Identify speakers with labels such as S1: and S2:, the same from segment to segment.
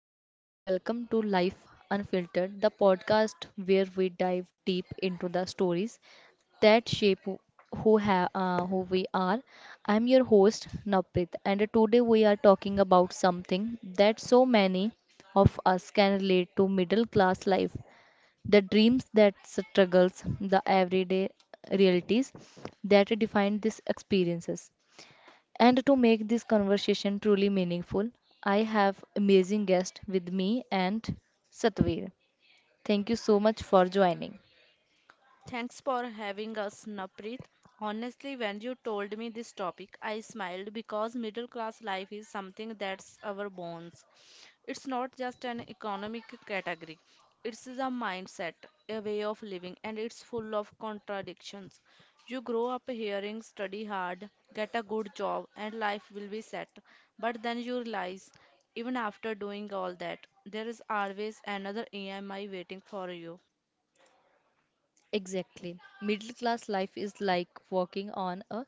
S1: Hello and welcome to Life Unfiltered, the podcast where we dive deep into the stories that shape who we are. I'm your host Naprit, and today we are talking about something that so many of us can relate to middle class life, the dreams that struggles, the everyday realities that define these experiences. And to make this conversation truly meaningful, I have amazing guest with me and Satvir. Thank you so much for joining.
S2: Thanks for having us, Napreet. Honestly, when you told me this topic, I smiled because middle class life is something that's our bones. It's not just an economic category, it's a mindset, a way of living, and it's full of contradictions. You grow up hearing study hard, get a good job, and life will be set. But then you realize, even after doing all that, there is always another EMI waiting for you.
S1: Exactly. Middle class life is like walking on a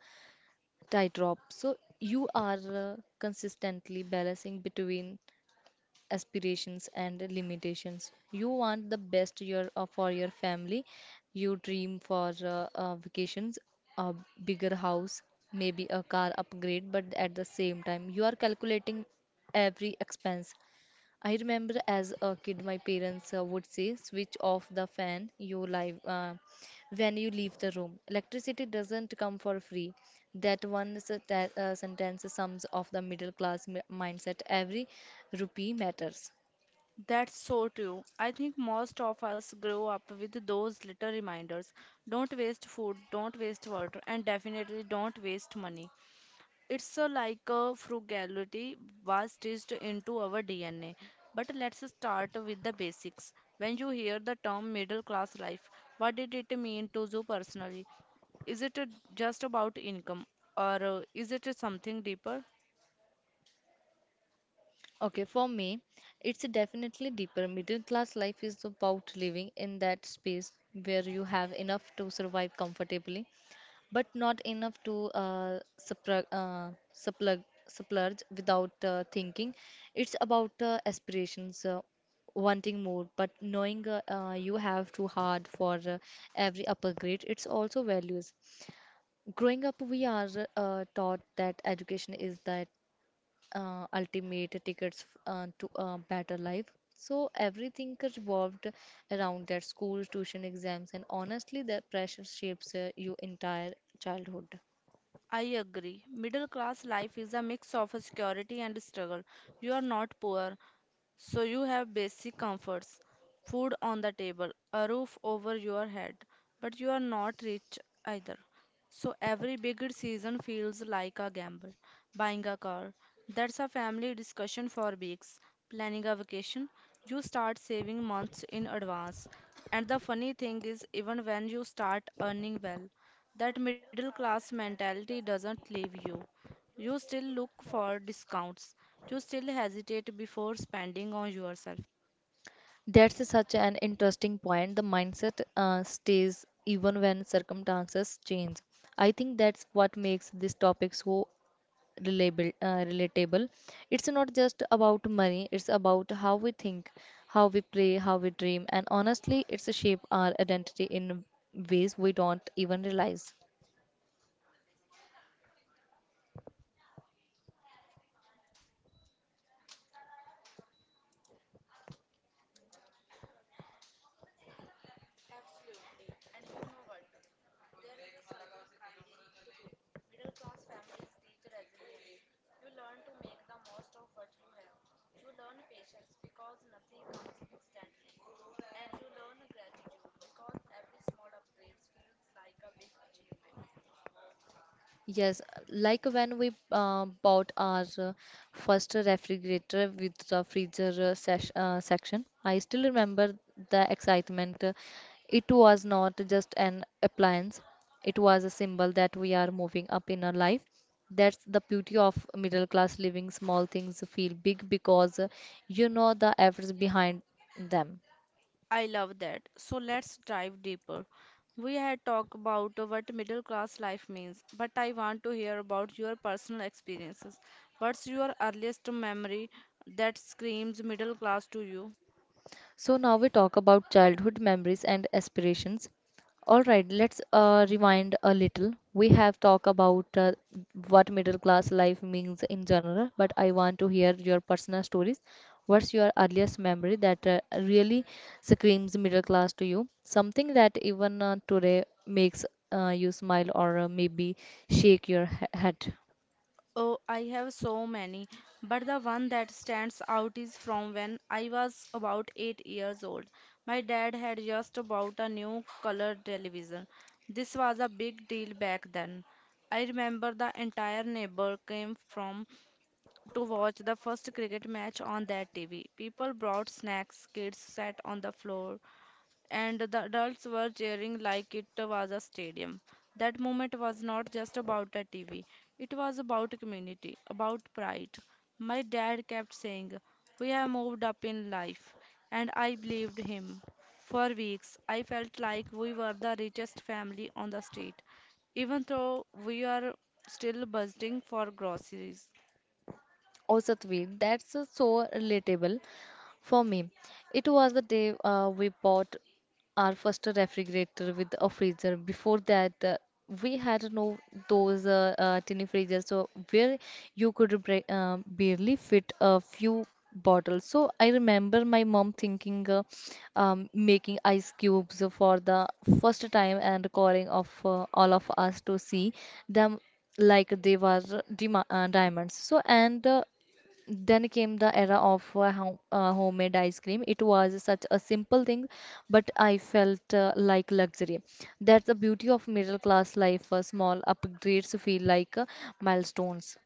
S1: tightrope. So you are consistently balancing between aspirations and limitations. You want the best year for your family. You dream for vacations, a bigger house, maybe a car upgrade, but at the same time, you are calculating every expense. I remember as a kid, my parents would say, switch off the fan you live when you leave the room. Electricity doesn't come for free. That one sentence sums of the middle class mindset. Every rupee matters.
S2: That's so true. I think most of us grow up with those little reminders. Don't waste food, don't waste water, and definitely don't waste money. It's so like a frugality was stitched into our DNA. But let's start with the basics. When you hear the term middle class life, what did it mean to you personally? Is it just about income, or is it something deeper?
S1: Okay, for me, it's definitely deeper. Middle class life is about living in that space where you have enough to survive comfortably but not enough to splurge without thinking. It's about aspirations, wanting more, but knowing you have to hard for every upgrade. It's also values. Growing up, we are taught that education is that ultimate tickets to a better life. So everything revolved around that school, tuition, exams, and honestly, that pressure shapes your entire childhood.
S2: I agree. Middle class life is a mix of a security and struggle. You are not poor, so you have basic comforts, food on the table, a roof over your head, but you are not rich either. So every big season feels like a gamble. Buying a car, that's a family discussion for weeks. Planning a vacation, you start saving months in advance. And the funny thing is, even when you start earning well, that middle class mentality doesn't leave you. You still look for discounts. You still hesitate before spending on yourself.
S1: That's such an interesting point. The mindset stays even when circumstances change. I think that's what makes this topic so relatable. It's not just about money, it's about how we think, how we pray, how we dream, and honestly, it's a shape our identity in ways we don't even realize. Yes, like when we bought our first refrigerator with the freezer sesh section, I still remember the excitement. It was not just an appliance, it was a symbol that we are moving up in our life. That's the beauty of middle class living. Small things feel big because you know the efforts behind them.
S2: I love that. So let's dive deeper. We had talked about what middle class life means, but I want to hear about your personal experiences. What's your earliest memory that screams middle class to you?
S1: So now we talk about childhood memories and aspirations. All right, let's rewind a little. We have talked about what middle class life means in general, but I want to hear your personal stories. What's your earliest memory that really screams middle class to you? Something that even today makes you smile or maybe shake your head.
S2: Oh, I have so many, but the one that stands out is from when I was about 8 years old. My dad had just bought a new color television. This was a big deal back then. I remember the entire neighbor came from to watch the first cricket match on that TV. People brought snacks, kids sat on the floor and the adults were cheering like it was a stadium. That moment was not just about a TV, it was about community, about pride. My dad kept saying, we have moved up in life, and I believed him. For weeks, I felt like we were the richest family on the street, even though we are still buzzing for groceries.
S1: Oh, Satveer, that's so relatable for me. It was the day we bought our first refrigerator with a freezer. Before that, we had no those tiny freezers, so where you could barely fit a few bottles. So I remember my mom thinking, making ice cubes for the first time and calling of all of us to see them like they were diamonds. So and then came the era of homemade ice cream. It was such a simple thing, but I felt like luxury. That's the beauty of middle class life. Small upgrades feel like milestones.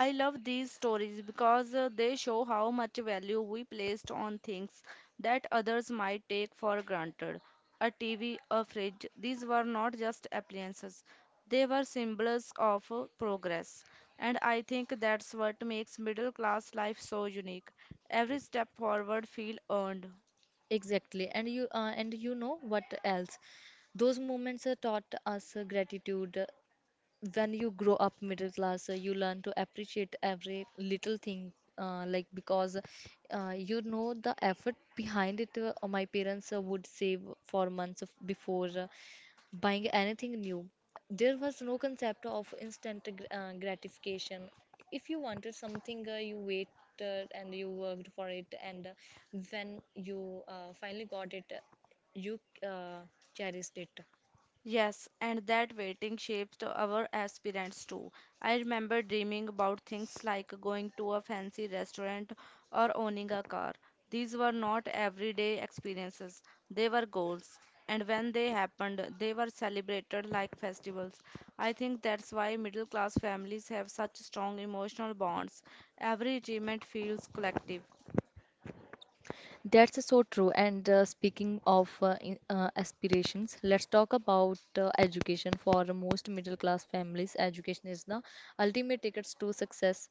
S2: I love these stories because they show how much value we placed on things that others might take for granted. A TV, a fridge, these were not just appliances, they were symbols of progress. And I think that's what makes middle class life so unique. Every step forward feels earned.
S1: Exactly. And you know what else? Those moments taught us gratitude. When you grow up middle class you learn to appreciate every little thing like because you know the effort behind it. My parents would save for months before buying anything new. There was no concept of instant gratification. If you wanted something you waited and you worked for it, and when you finally got it you uh, cherished it.
S2: Yes, and that waiting shaped our aspirants too. I remember dreaming about things like going to a fancy restaurant or owning a car. These were not everyday experiences, they were goals. And when they happened, they were celebrated like festivals. I think that's why middle class families have such strong emotional bonds. Every achievement feels collective.
S1: That's so true. And speaking of aspirations, let's talk about education. For most middle class families, education is the ultimate tickets to success.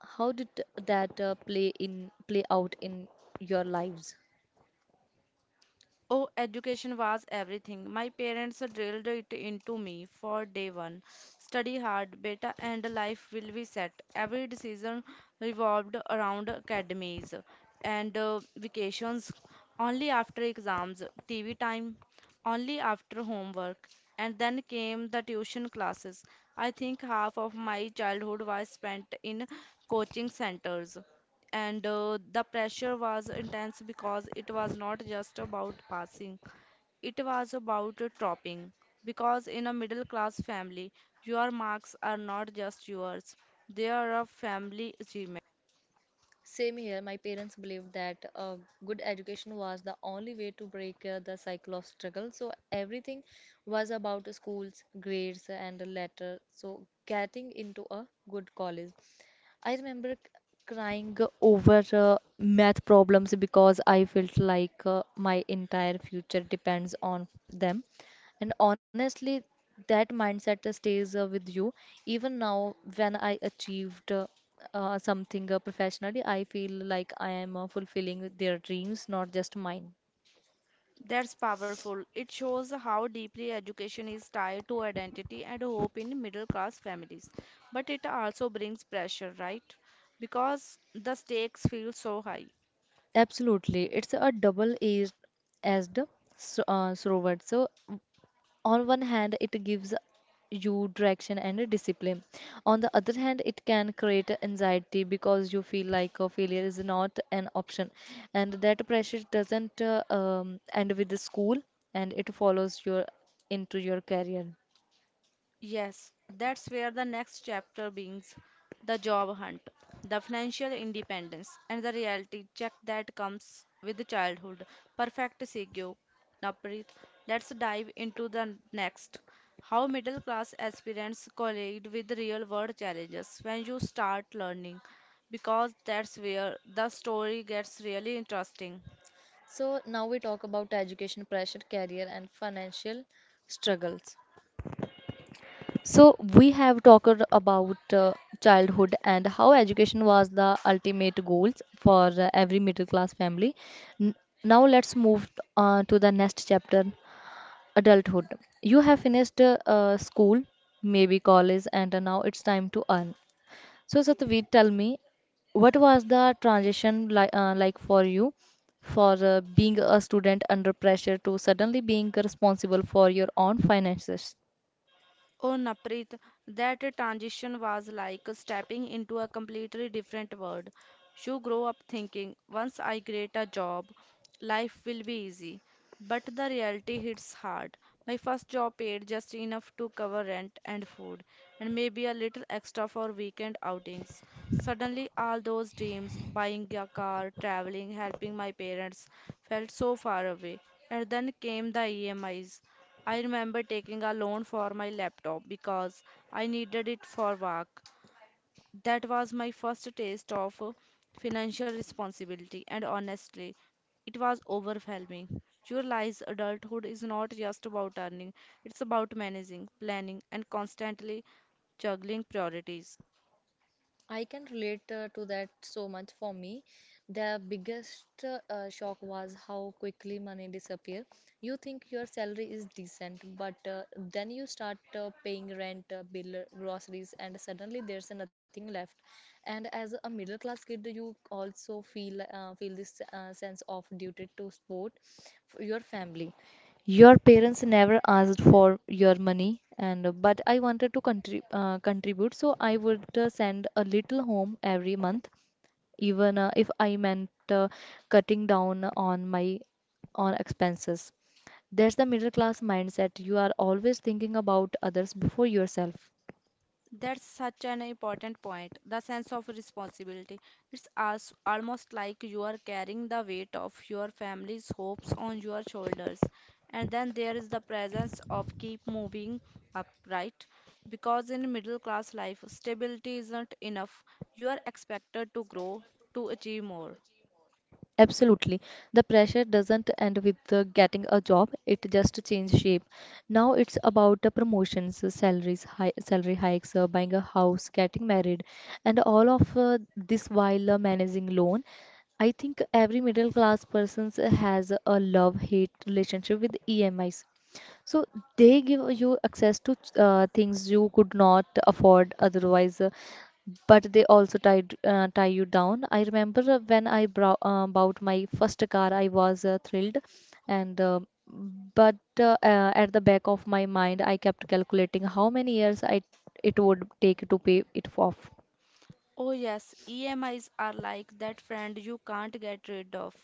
S1: How did that play out in your lives?
S2: Oh, education was everything. My parents drilled it into me for day one. Study hard, beta, and life will be set. Every decision revolved around academies and vacations, only after exams, TV time, only after homework. And then came the tuition classes. I think half of my childhood was spent in coaching centers, and the pressure was intense because it was not just about passing, it was about topping, because in a middle class family your marks are not just yours, they are a family achievement.
S1: Same here. My parents believed that a good education was the only way to break the cycle of struggle. So everything was about schools, grades, and a letter. So getting into a good college, I remember crying over math problems because I felt like my entire future depends on them. And honestly, that mindset stays with you. Even now, when I achieved something professionally, I feel like I am fulfilling their dreams, not just mine.
S2: That's powerful. It shows how deeply education is tied to identity and hope in middle class families, but it also brings pressure, right? Because the stakes feel so high.
S1: Absolutely, it's a double-edged as the sword. So on one hand it gives you direction and discipline, on the other hand it can create anxiety because you feel like a failure is not an option, and that pressure doesn't end with the school, and it follows your into your career.
S2: Yes, that's where the next chapter begins, the job hunt, the financial independence, and the reality check that comes with childhood. Perfect segue. Naprit, let's dive into the next. How middle class aspirants collide with real world challenges when you start learning, because that's where the story gets really interesting.
S1: So now we talk about education pressure career and financial struggles. So we have talked about childhood and how education was the ultimate goal for every middle class family. N- Now let's move on to the next chapter, adulthood. You have finished school, maybe college, and now it's time to earn. So Satvi, tell me, what was the transition li like for you, for being a student under pressure to suddenly being responsible for your own finances?
S2: Oh, Naprit, that transition was like stepping into a completely different world. You grow up thinking, once I get a job, life will be easy. But the reality hits hard. My first job paid just enough to cover rent and food, and maybe a little extra for weekend outings. Suddenly, all those dreams, buying a car, traveling, helping my parents, felt so far away. And then came the EMIs. I remember taking a loan for my laptop because I needed it for work. That was my first taste of financial responsibility, and honestly, it was overwhelming. You realize adulthood is not just about earning, it's about managing, planning, and constantly juggling priorities.
S1: I can relate to that so much. For me, the biggest shock was how quickly money disappear. You think your salary is decent, but then you start paying rent, bill, groceries, and suddenly there's nothing left. And as a middle class kid, you also feel this sense of duty to support your family. Your parents never asked for your money, and but I wanted to contribute, so I would send a little home every month, even if I meant cutting down on my on expenses. That's the middle class mindset. You are always thinking about others before yourself.
S2: That's such an important point. The sense of responsibility. It's as almost like you are carrying the weight of your family's hopes on your shoulders. And then there is the presence of keep moving up, right? Because in middle class life, stability isn't enough. You are expected to grow, to achieve more.
S1: Absolutely. The pressure doesn't end with getting a job, it just changes shape. Now it's about the promotions, salary hikes, buying a house, getting married, and all of this while managing loan. I think every middle class person has a love-hate relationship with EMIs. So they give you access to things you could not afford otherwise, but they also tie you down. I remember when I brow bought my first car, I was thrilled, and but at the back of my mind, I kept calculating how many years I it would take to pay it off.
S2: Oh, yes, EMIs are like that friend you can't get rid of.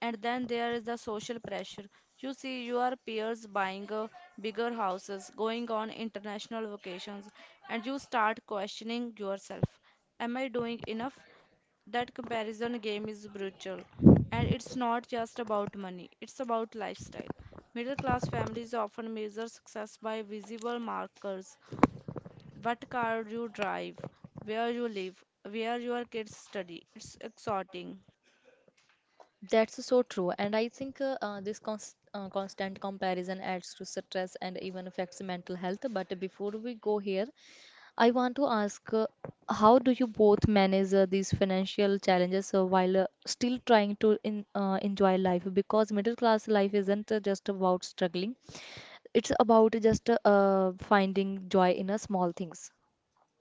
S2: And then there is the social pressure. You see your peers buying bigger houses, going on international vacations, and you start questioning yourself. Am I doing enough? That comparison game is brutal. And it's not just about money, it's about lifestyle. Middle class families often measure success by visible markers. What car you drive, where you live, where your kids study. It's exhausting.
S1: That's so true, and I think this constant comparison adds to stress and even affects mental health. But before we go here, I want to ask, how do you both manage these financial challenges while still trying to enjoy life? Because middle class life isn't just about struggling, it's about just finding joy in small things.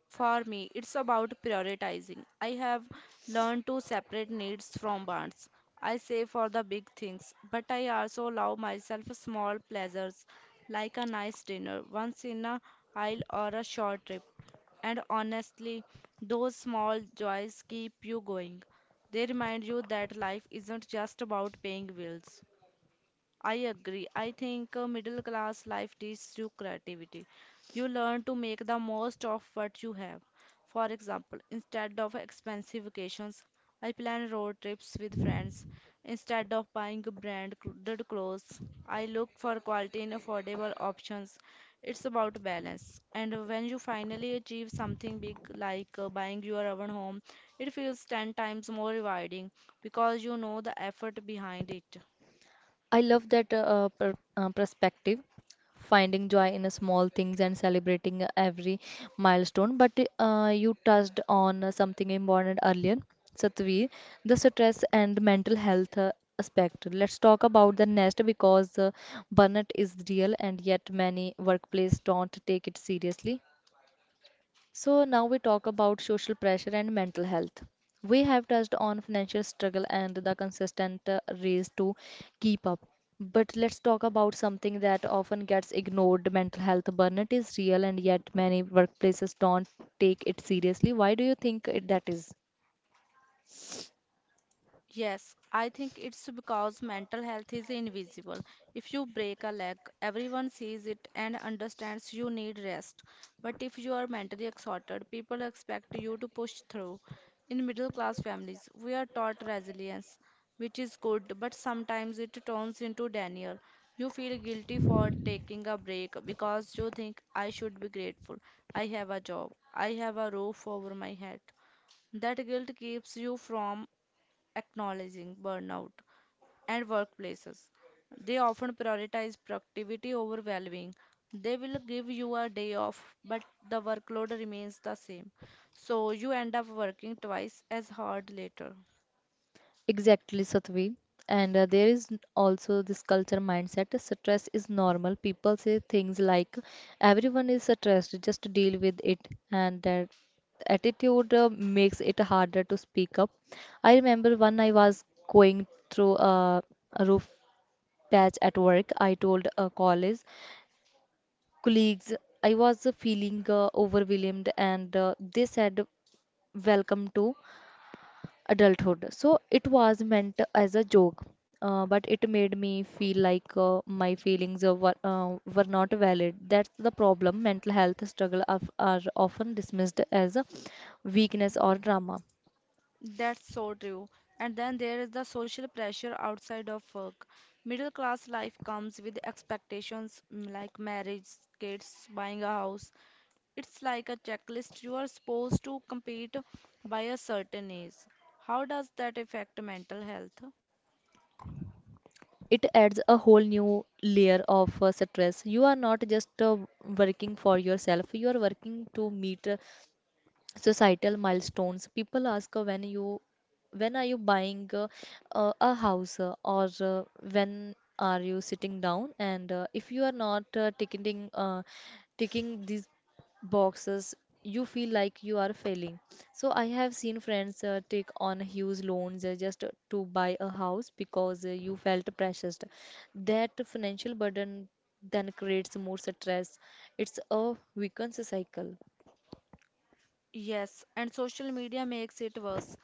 S2: For me, it's about prioritizing. I have learned to separate needs from wants. I save for the big things, but I also allow myself small pleasures like a nice dinner once in a while or a short trip. And honestly, those small joys keep you going. They remind you that life isn't just about paying bills. I agree. I think middle class life teaches you creativity. You learn to make the most of what you have. For example, instead of expensive vacations, I plan road trips with friends. Instead of buying branded clothes, I look for quality and affordable options. It's about balance. And when you finally achieve something big like buying your own home, it feels 10 times more rewarding because you know the effort behind it.
S1: I love that perspective, finding joy in small things and celebrating every milestone. But you touched on something important earlier, Satvi, the stress and mental health aspect. Let's talk about the next because burnout is real and yet many workplaces don't take it seriously. So now we talk about social pressure and mental health. We have touched on financial struggle and the consistent race to keep up. But let's talk about something that often gets ignored. Mental health burnout is real, and yet many workplaces don't take it seriously. Why do you think that is?
S2: Yes, I think it's because mental health is invisible. If you break a leg, everyone sees it and understands you need rest. But if you are mentally exhausted, people expect you to push through. In middle class families, we are taught resilience, which is good, but sometimes it turns into denial. You feel guilty for taking a break because you think I should be grateful. I have a job, I have a roof over my head. That guilt keeps you from acknowledging burnout and workplaces. They often prioritize productivity over valuing. They will give you a day off, but the workload remains the same. So you end up working twice as hard later.
S1: Exactly, Satvi. And there is also this culture mindset. Stress is normal. People say things like, everyone is stressed, just deal with it. And that attitude makes it harder to speak up. I remember when I was going through a roof patch at work, I told a college colleagues I was feeling overwhelmed, and they said, welcome to adulthood. So it was meant as a joke, but it made me feel like my feelings were not valid. That's the problem. Mental health are often dismissed as a weakness or drama.
S2: That's so true. And then there is the social pressure outside of work. Middle class life comes with expectations, like marriage, kids, buying a house. It's like a checklist. You are supposed to compete by a certain age. How does that affect mental health?
S1: It adds a whole new layer of stress. You are not just working for yourself, you are working to meet. Societal milestones. People ask, when are you buying a house, or when are you sitting down? And if you are not ticking these boxes, you feel like you are failing. So I have seen friends take on huge loans just to buy a house, because you felt precious. That financial burden then creates more stress. It's a weakens cycle.
S2: Yes, and social media makes it worse.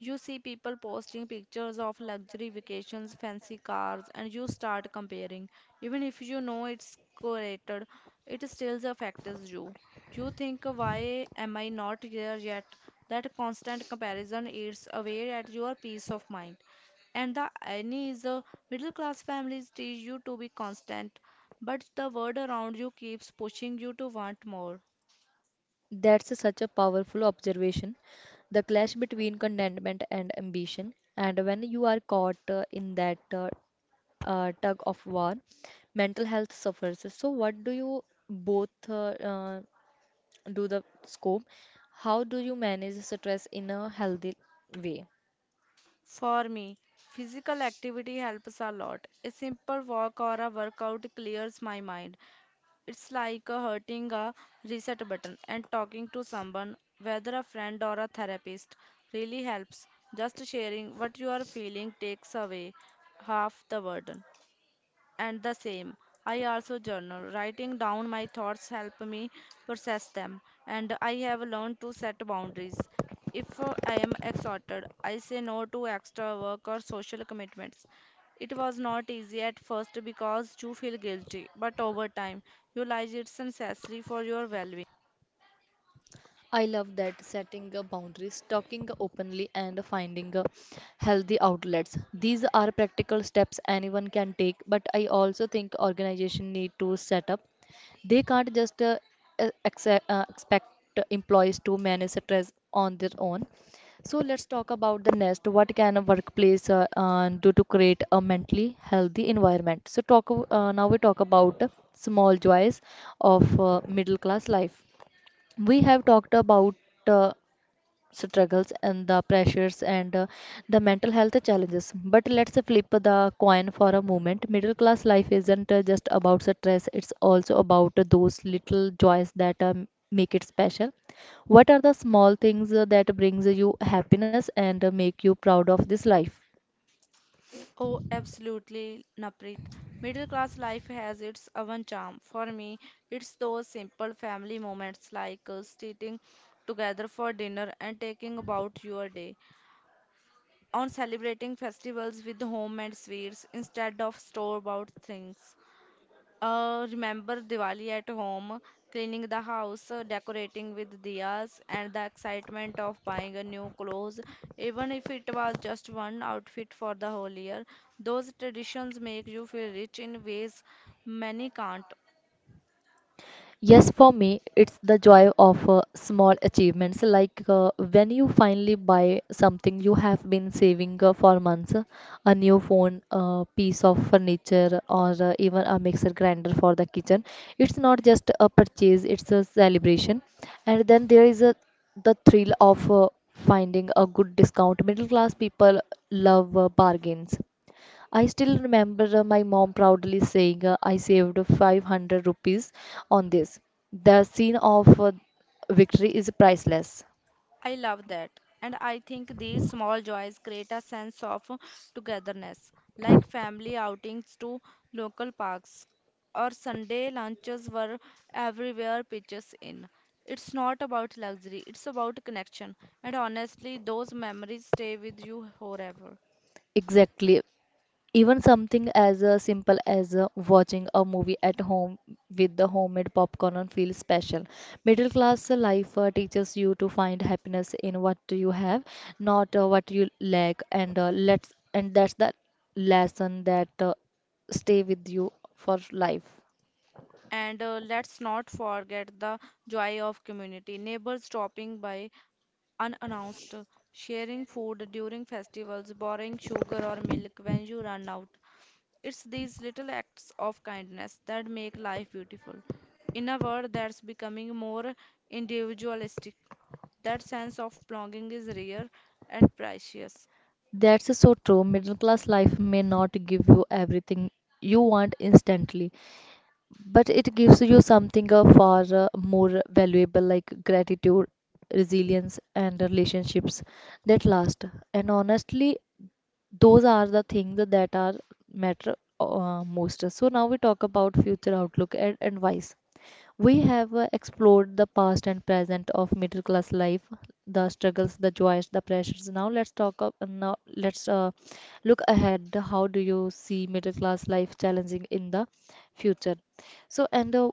S2: You see people posting pictures of luxury vacations, fancy cars, and you start comparing. Even if you know it's curated, it still affects you. You think, why am I not there yet? That constant comparison eats away at your peace of mind. And the irony is, middle class families teach you to be constant, but the world around you keeps pushing you to want more.
S1: Such a powerful observation. The clash between contentment and ambition, and when you are caught in that tug of war, mental health suffers. So, what do you both do the scope? How do you manage stress in a healthy way?
S2: For me, physical activity helps a lot. A simple walk or a workout clears my mind. It's like hurting a reset button, and talking to someone, whether a friend or a therapist, really helps. Just sharing what you are feeling takes away half the burden. And the same. I also journal. Writing down my thoughts help me process them, and I have learned to set boundaries. If I am exhausted, I say no to extra work or social commitments. It was not easy at first because you feel guilty, but over time you realize it's necessary for your well-being.
S1: I love that: setting boundaries, talking openly, and finding healthy outlets. These are practical steps anyone can take, but I also think organization need to set up. They can't just expect employees to manage stress on their own. So let's talk about the next. What can a workplace do to create a mentally healthy environment? So talk now we talk about small joys of middle class life. We have talked about uh, struggles and the pressures and the mental health challenges, but let's flip the coin for a moment. Middle class life isn't just about stress, it's also about those little joys that make it special. What are the small things that brings you happiness and make you proud of this life?
S2: Oh, absolutely, Naprit. Middle class life has its own charm. For me, it's those simple family moments like sitting together for dinner and talking about your day, or celebrating festivals with homemade sweets instead of store-bought things. Remember Diwali at home, cleaning the house, decorating with diyas, and the excitement of buying a new clothes, even if it was just one outfit for the whole year. Those traditions make you feel rich in ways many can't.
S1: Yes, for me, it's the joy of small achievements. Like when you finally buy something you have been saving for months, a new phone, a piece of furniture, or even a mixer grinder for the kitchen. It's not just a purchase, it's a celebration. And then the thrill of finding a good discount. Middle class people love bargains. I still remember my mom proudly saying, I saved 500 rupees on this. The scene of victory is priceless.
S2: I love that. And I think these small joys create a sense of togetherness, like family outings to local parks or Sunday lunches where everywhere pitches in. It's not about luxury, it's about connection. And honestly, those memories stay with you forever.
S1: Exactly. Even something as simple as watching a movie at home with the homemade popcorn and feels special. Middle class life teaches you to find happiness in what you have, not what you lack, and let's and that's the lesson that stay with you for life.
S2: And let's not forget the joy of community. Neighbors dropping by unannounced, sharing food during festivals, borrowing sugar or milk when you run out, it's these little acts of kindness that make life beautiful. In a world that's becoming more individualistic, that sense of belonging is rare and precious.
S1: That's so true. Middle class life may not give you everything you want instantly, but it gives you something far more valuable, like gratitude, resilience, and relationships that last. And honestly, those are the things that are matter most. So now we talk about future outlook and advice. We have explored the past and present of middle class life, the struggles, the joys, the pressures. Now let's talk up now let's look ahead. How do you see middle class life challenging in the future? So, and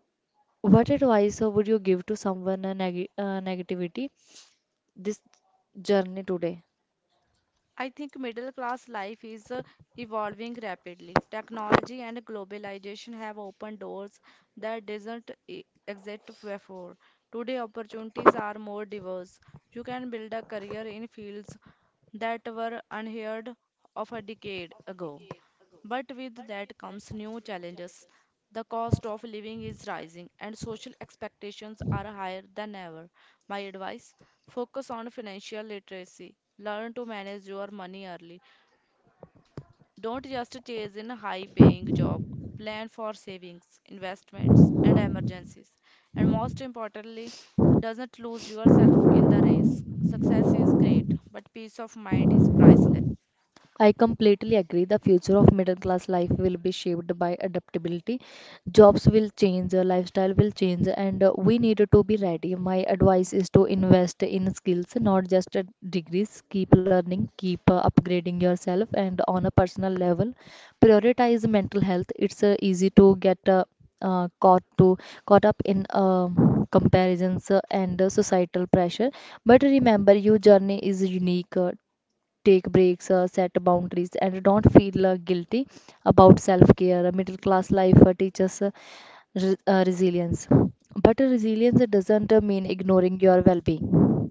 S1: what advice would you give to someone negativity this journey today?
S2: I think middle class life is evolving rapidly. Technology and globalization have opened doors that didn't exist before. Today, opportunities are more diverse. You can build a career in fields that were unheard of a decade ago. But with that comes new challenges. The cost of living is rising and social expectations are higher than ever. My advice, focus on financial literacy. Learn to manage your money early. Don't just chase in a high paying job. Plan for savings, investments, and emergencies. And most importantly, doesn't lose yourself in the race. Success is great, but peace of mind is priceless.
S1: I completely agree. The future of middle class life will be shaped by adaptability. Jobs will change, lifestyle will change, and we need to be ready. My advice is to invest in skills, not just degrees. Keep learning, keep upgrading yourself, and on a personal level, prioritize mental health. It's easy to get uh, caught to caught up in comparisons and societal pressure. But remember, your journey is unique. Take breaks, set boundaries, and don't feel guilty about self care. A middle class life teaches resilience. But resilience doesn't mean ignoring your well being.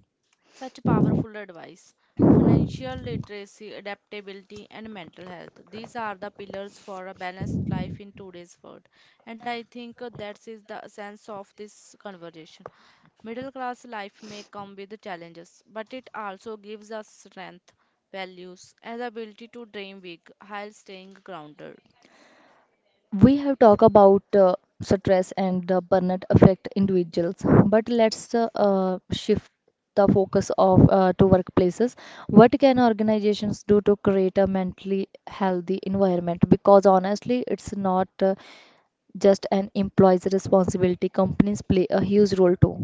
S2: Such powerful advice. Financial literacy, adaptability, and mental health. These are the pillars for a balanced life in today's world. And I think that is the essence of this conversation. Middle class life may come with challenges, but it also gives us strength, values, and the ability to dream big while staying grounded.
S1: We have talked about stress and burnout affect individuals, but let's shift the focus of to workplaces. What can organizations do to create a mentally healthy environment? Because honestly, it's not just an employee's responsibility. Companies play a huge role too.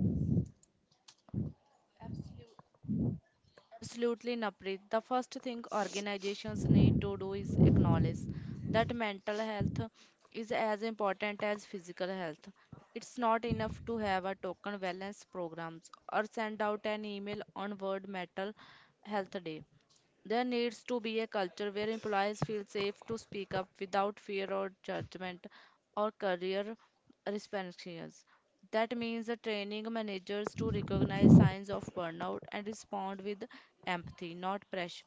S2: Absolutely, Naprit. The first thing organizations need to do is acknowledge that mental health is as important as physical health. It's not enough to have a token wellness programs or send out an email on World Mental Health Day. There needs to be a culture where employees feel safe to speak up without fear or judgment or career restrictions. That means the training managers to recognize signs of burnout and respond with empathy, not pressure.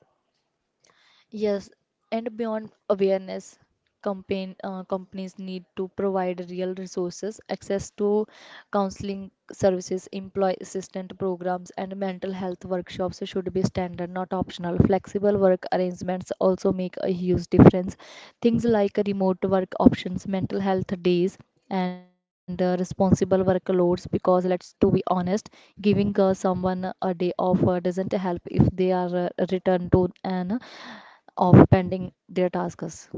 S1: Yes, and beyond awareness, campaign companies need to provide real resources: access to counseling services, employee assistance programs, and mental health workshops should be standard, not optional. Flexible work arrangements also make a huge difference. Things like remote work options, mental health days, and responsible workloads, because let's to be honest, giving someone a day off doesn't help if they are returned to an of pending their tasks.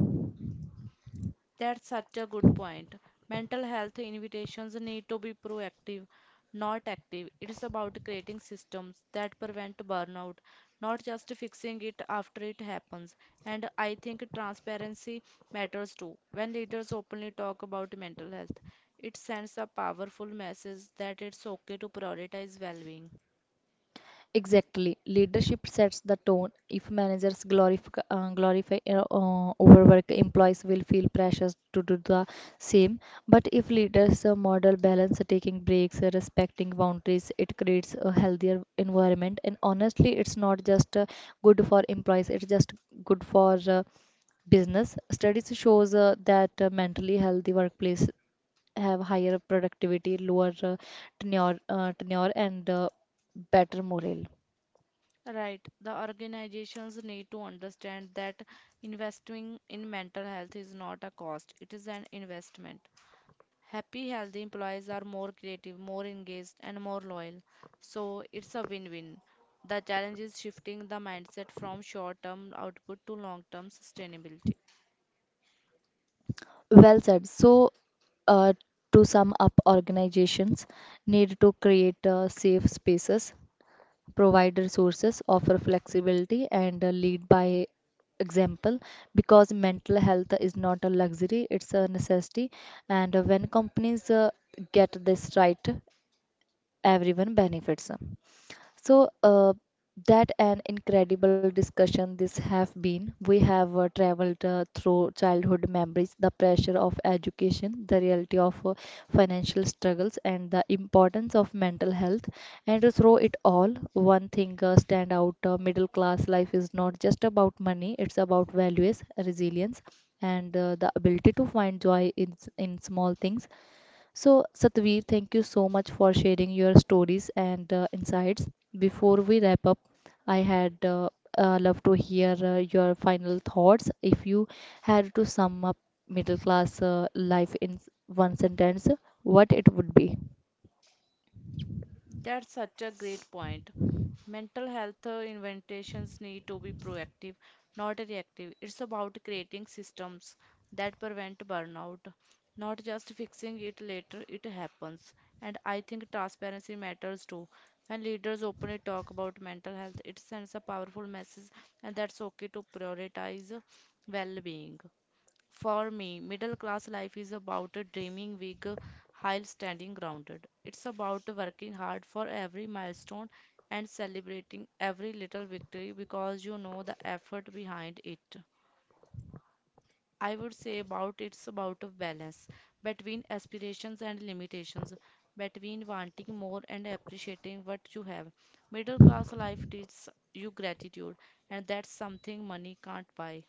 S2: That's such a good point. Mental health invitations need to be proactive, not active. It's about creating systems that prevent burnout, not just fixing it after it happens. And I think transparency matters too. When leaders openly talk about mental health, it sends a powerful message that it's okay to prioritize well-being.
S1: Exactly. Leadership sets the tone. If managers glorify overwork, employees will feel pressures to do the same. But if leaders model balance, taking breaks, respecting boundaries, it creates a healthier environment. And honestly, it's not just good for employees, it's just good for business. Studies shows that mentally healthy workplace have higher productivity, lower tenure and better morale.
S2: Right. The organizations need to understand that investing in mental health is not a cost, it is an investment. Happy, healthy employees are more creative, more engaged, and more loyal. So it's a win win. The challenge is shifting the mindset from short term output to long term sustainability.
S1: Well said. So, uh, to sum up, organizations need to create safe spaces, provide resources, offer flexibility, and lead by example, because mental health is not a luxury, it's a necessity. And when companies get this right, everyone benefits. So that an incredible discussion this have been. We have traveled through childhood memories, the pressure of education, the reality of financial struggles, and the importance of mental health. And through it all, one thing stand out: middle class life is not just about money; it's about values, resilience, and the ability to find joy in in small things. So, Satveer, thank you so much for sharing your stories and insights. Before we wrap up, I had love to hear your final thoughts. If you had to sum up middle class life in one sentence, what it would be?
S2: That's such a great point. Mental health interventions need to be proactive, not reactive. It's about creating systems that prevent burnout, not just fixing it later it happens. And I think transparency matters too. When leaders openly talk about mental health, it sends a powerful message, and that's okay to prioritize well being. For me, middle class life is about a dreaming big while standing grounded. It's about working hard for every milestone and celebrating every little victory because you know the effort behind it. I would say about it's about a balance between aspirations and limitations, between wanting more and appreciating what you have. Middle class life teaches you gratitude, and that's something money can't buy.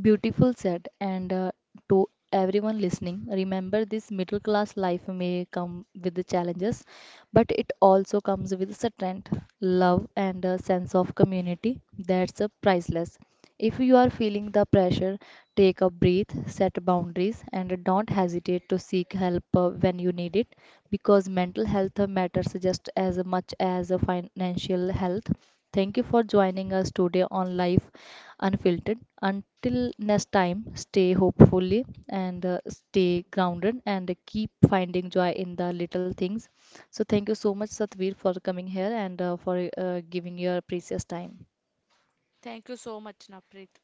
S1: Beautiful said, and to everyone listening, remember this: middle class life may come with the challenges, but it also comes with strength, love, and a sense of community that's priceless. If you are feeling the pressure, take a breath, set boundaries, and don't hesitate to seek help when you need it, because mental health matters just as much as financial health. Thank you for joining us today on Life unfiltered. Until next time, stay hopefully and stay grounded and keep finding joy in the little things. So, thank you so much, Satveer, for coming here and for giving your precious time.
S2: Thank you so much, Naprit.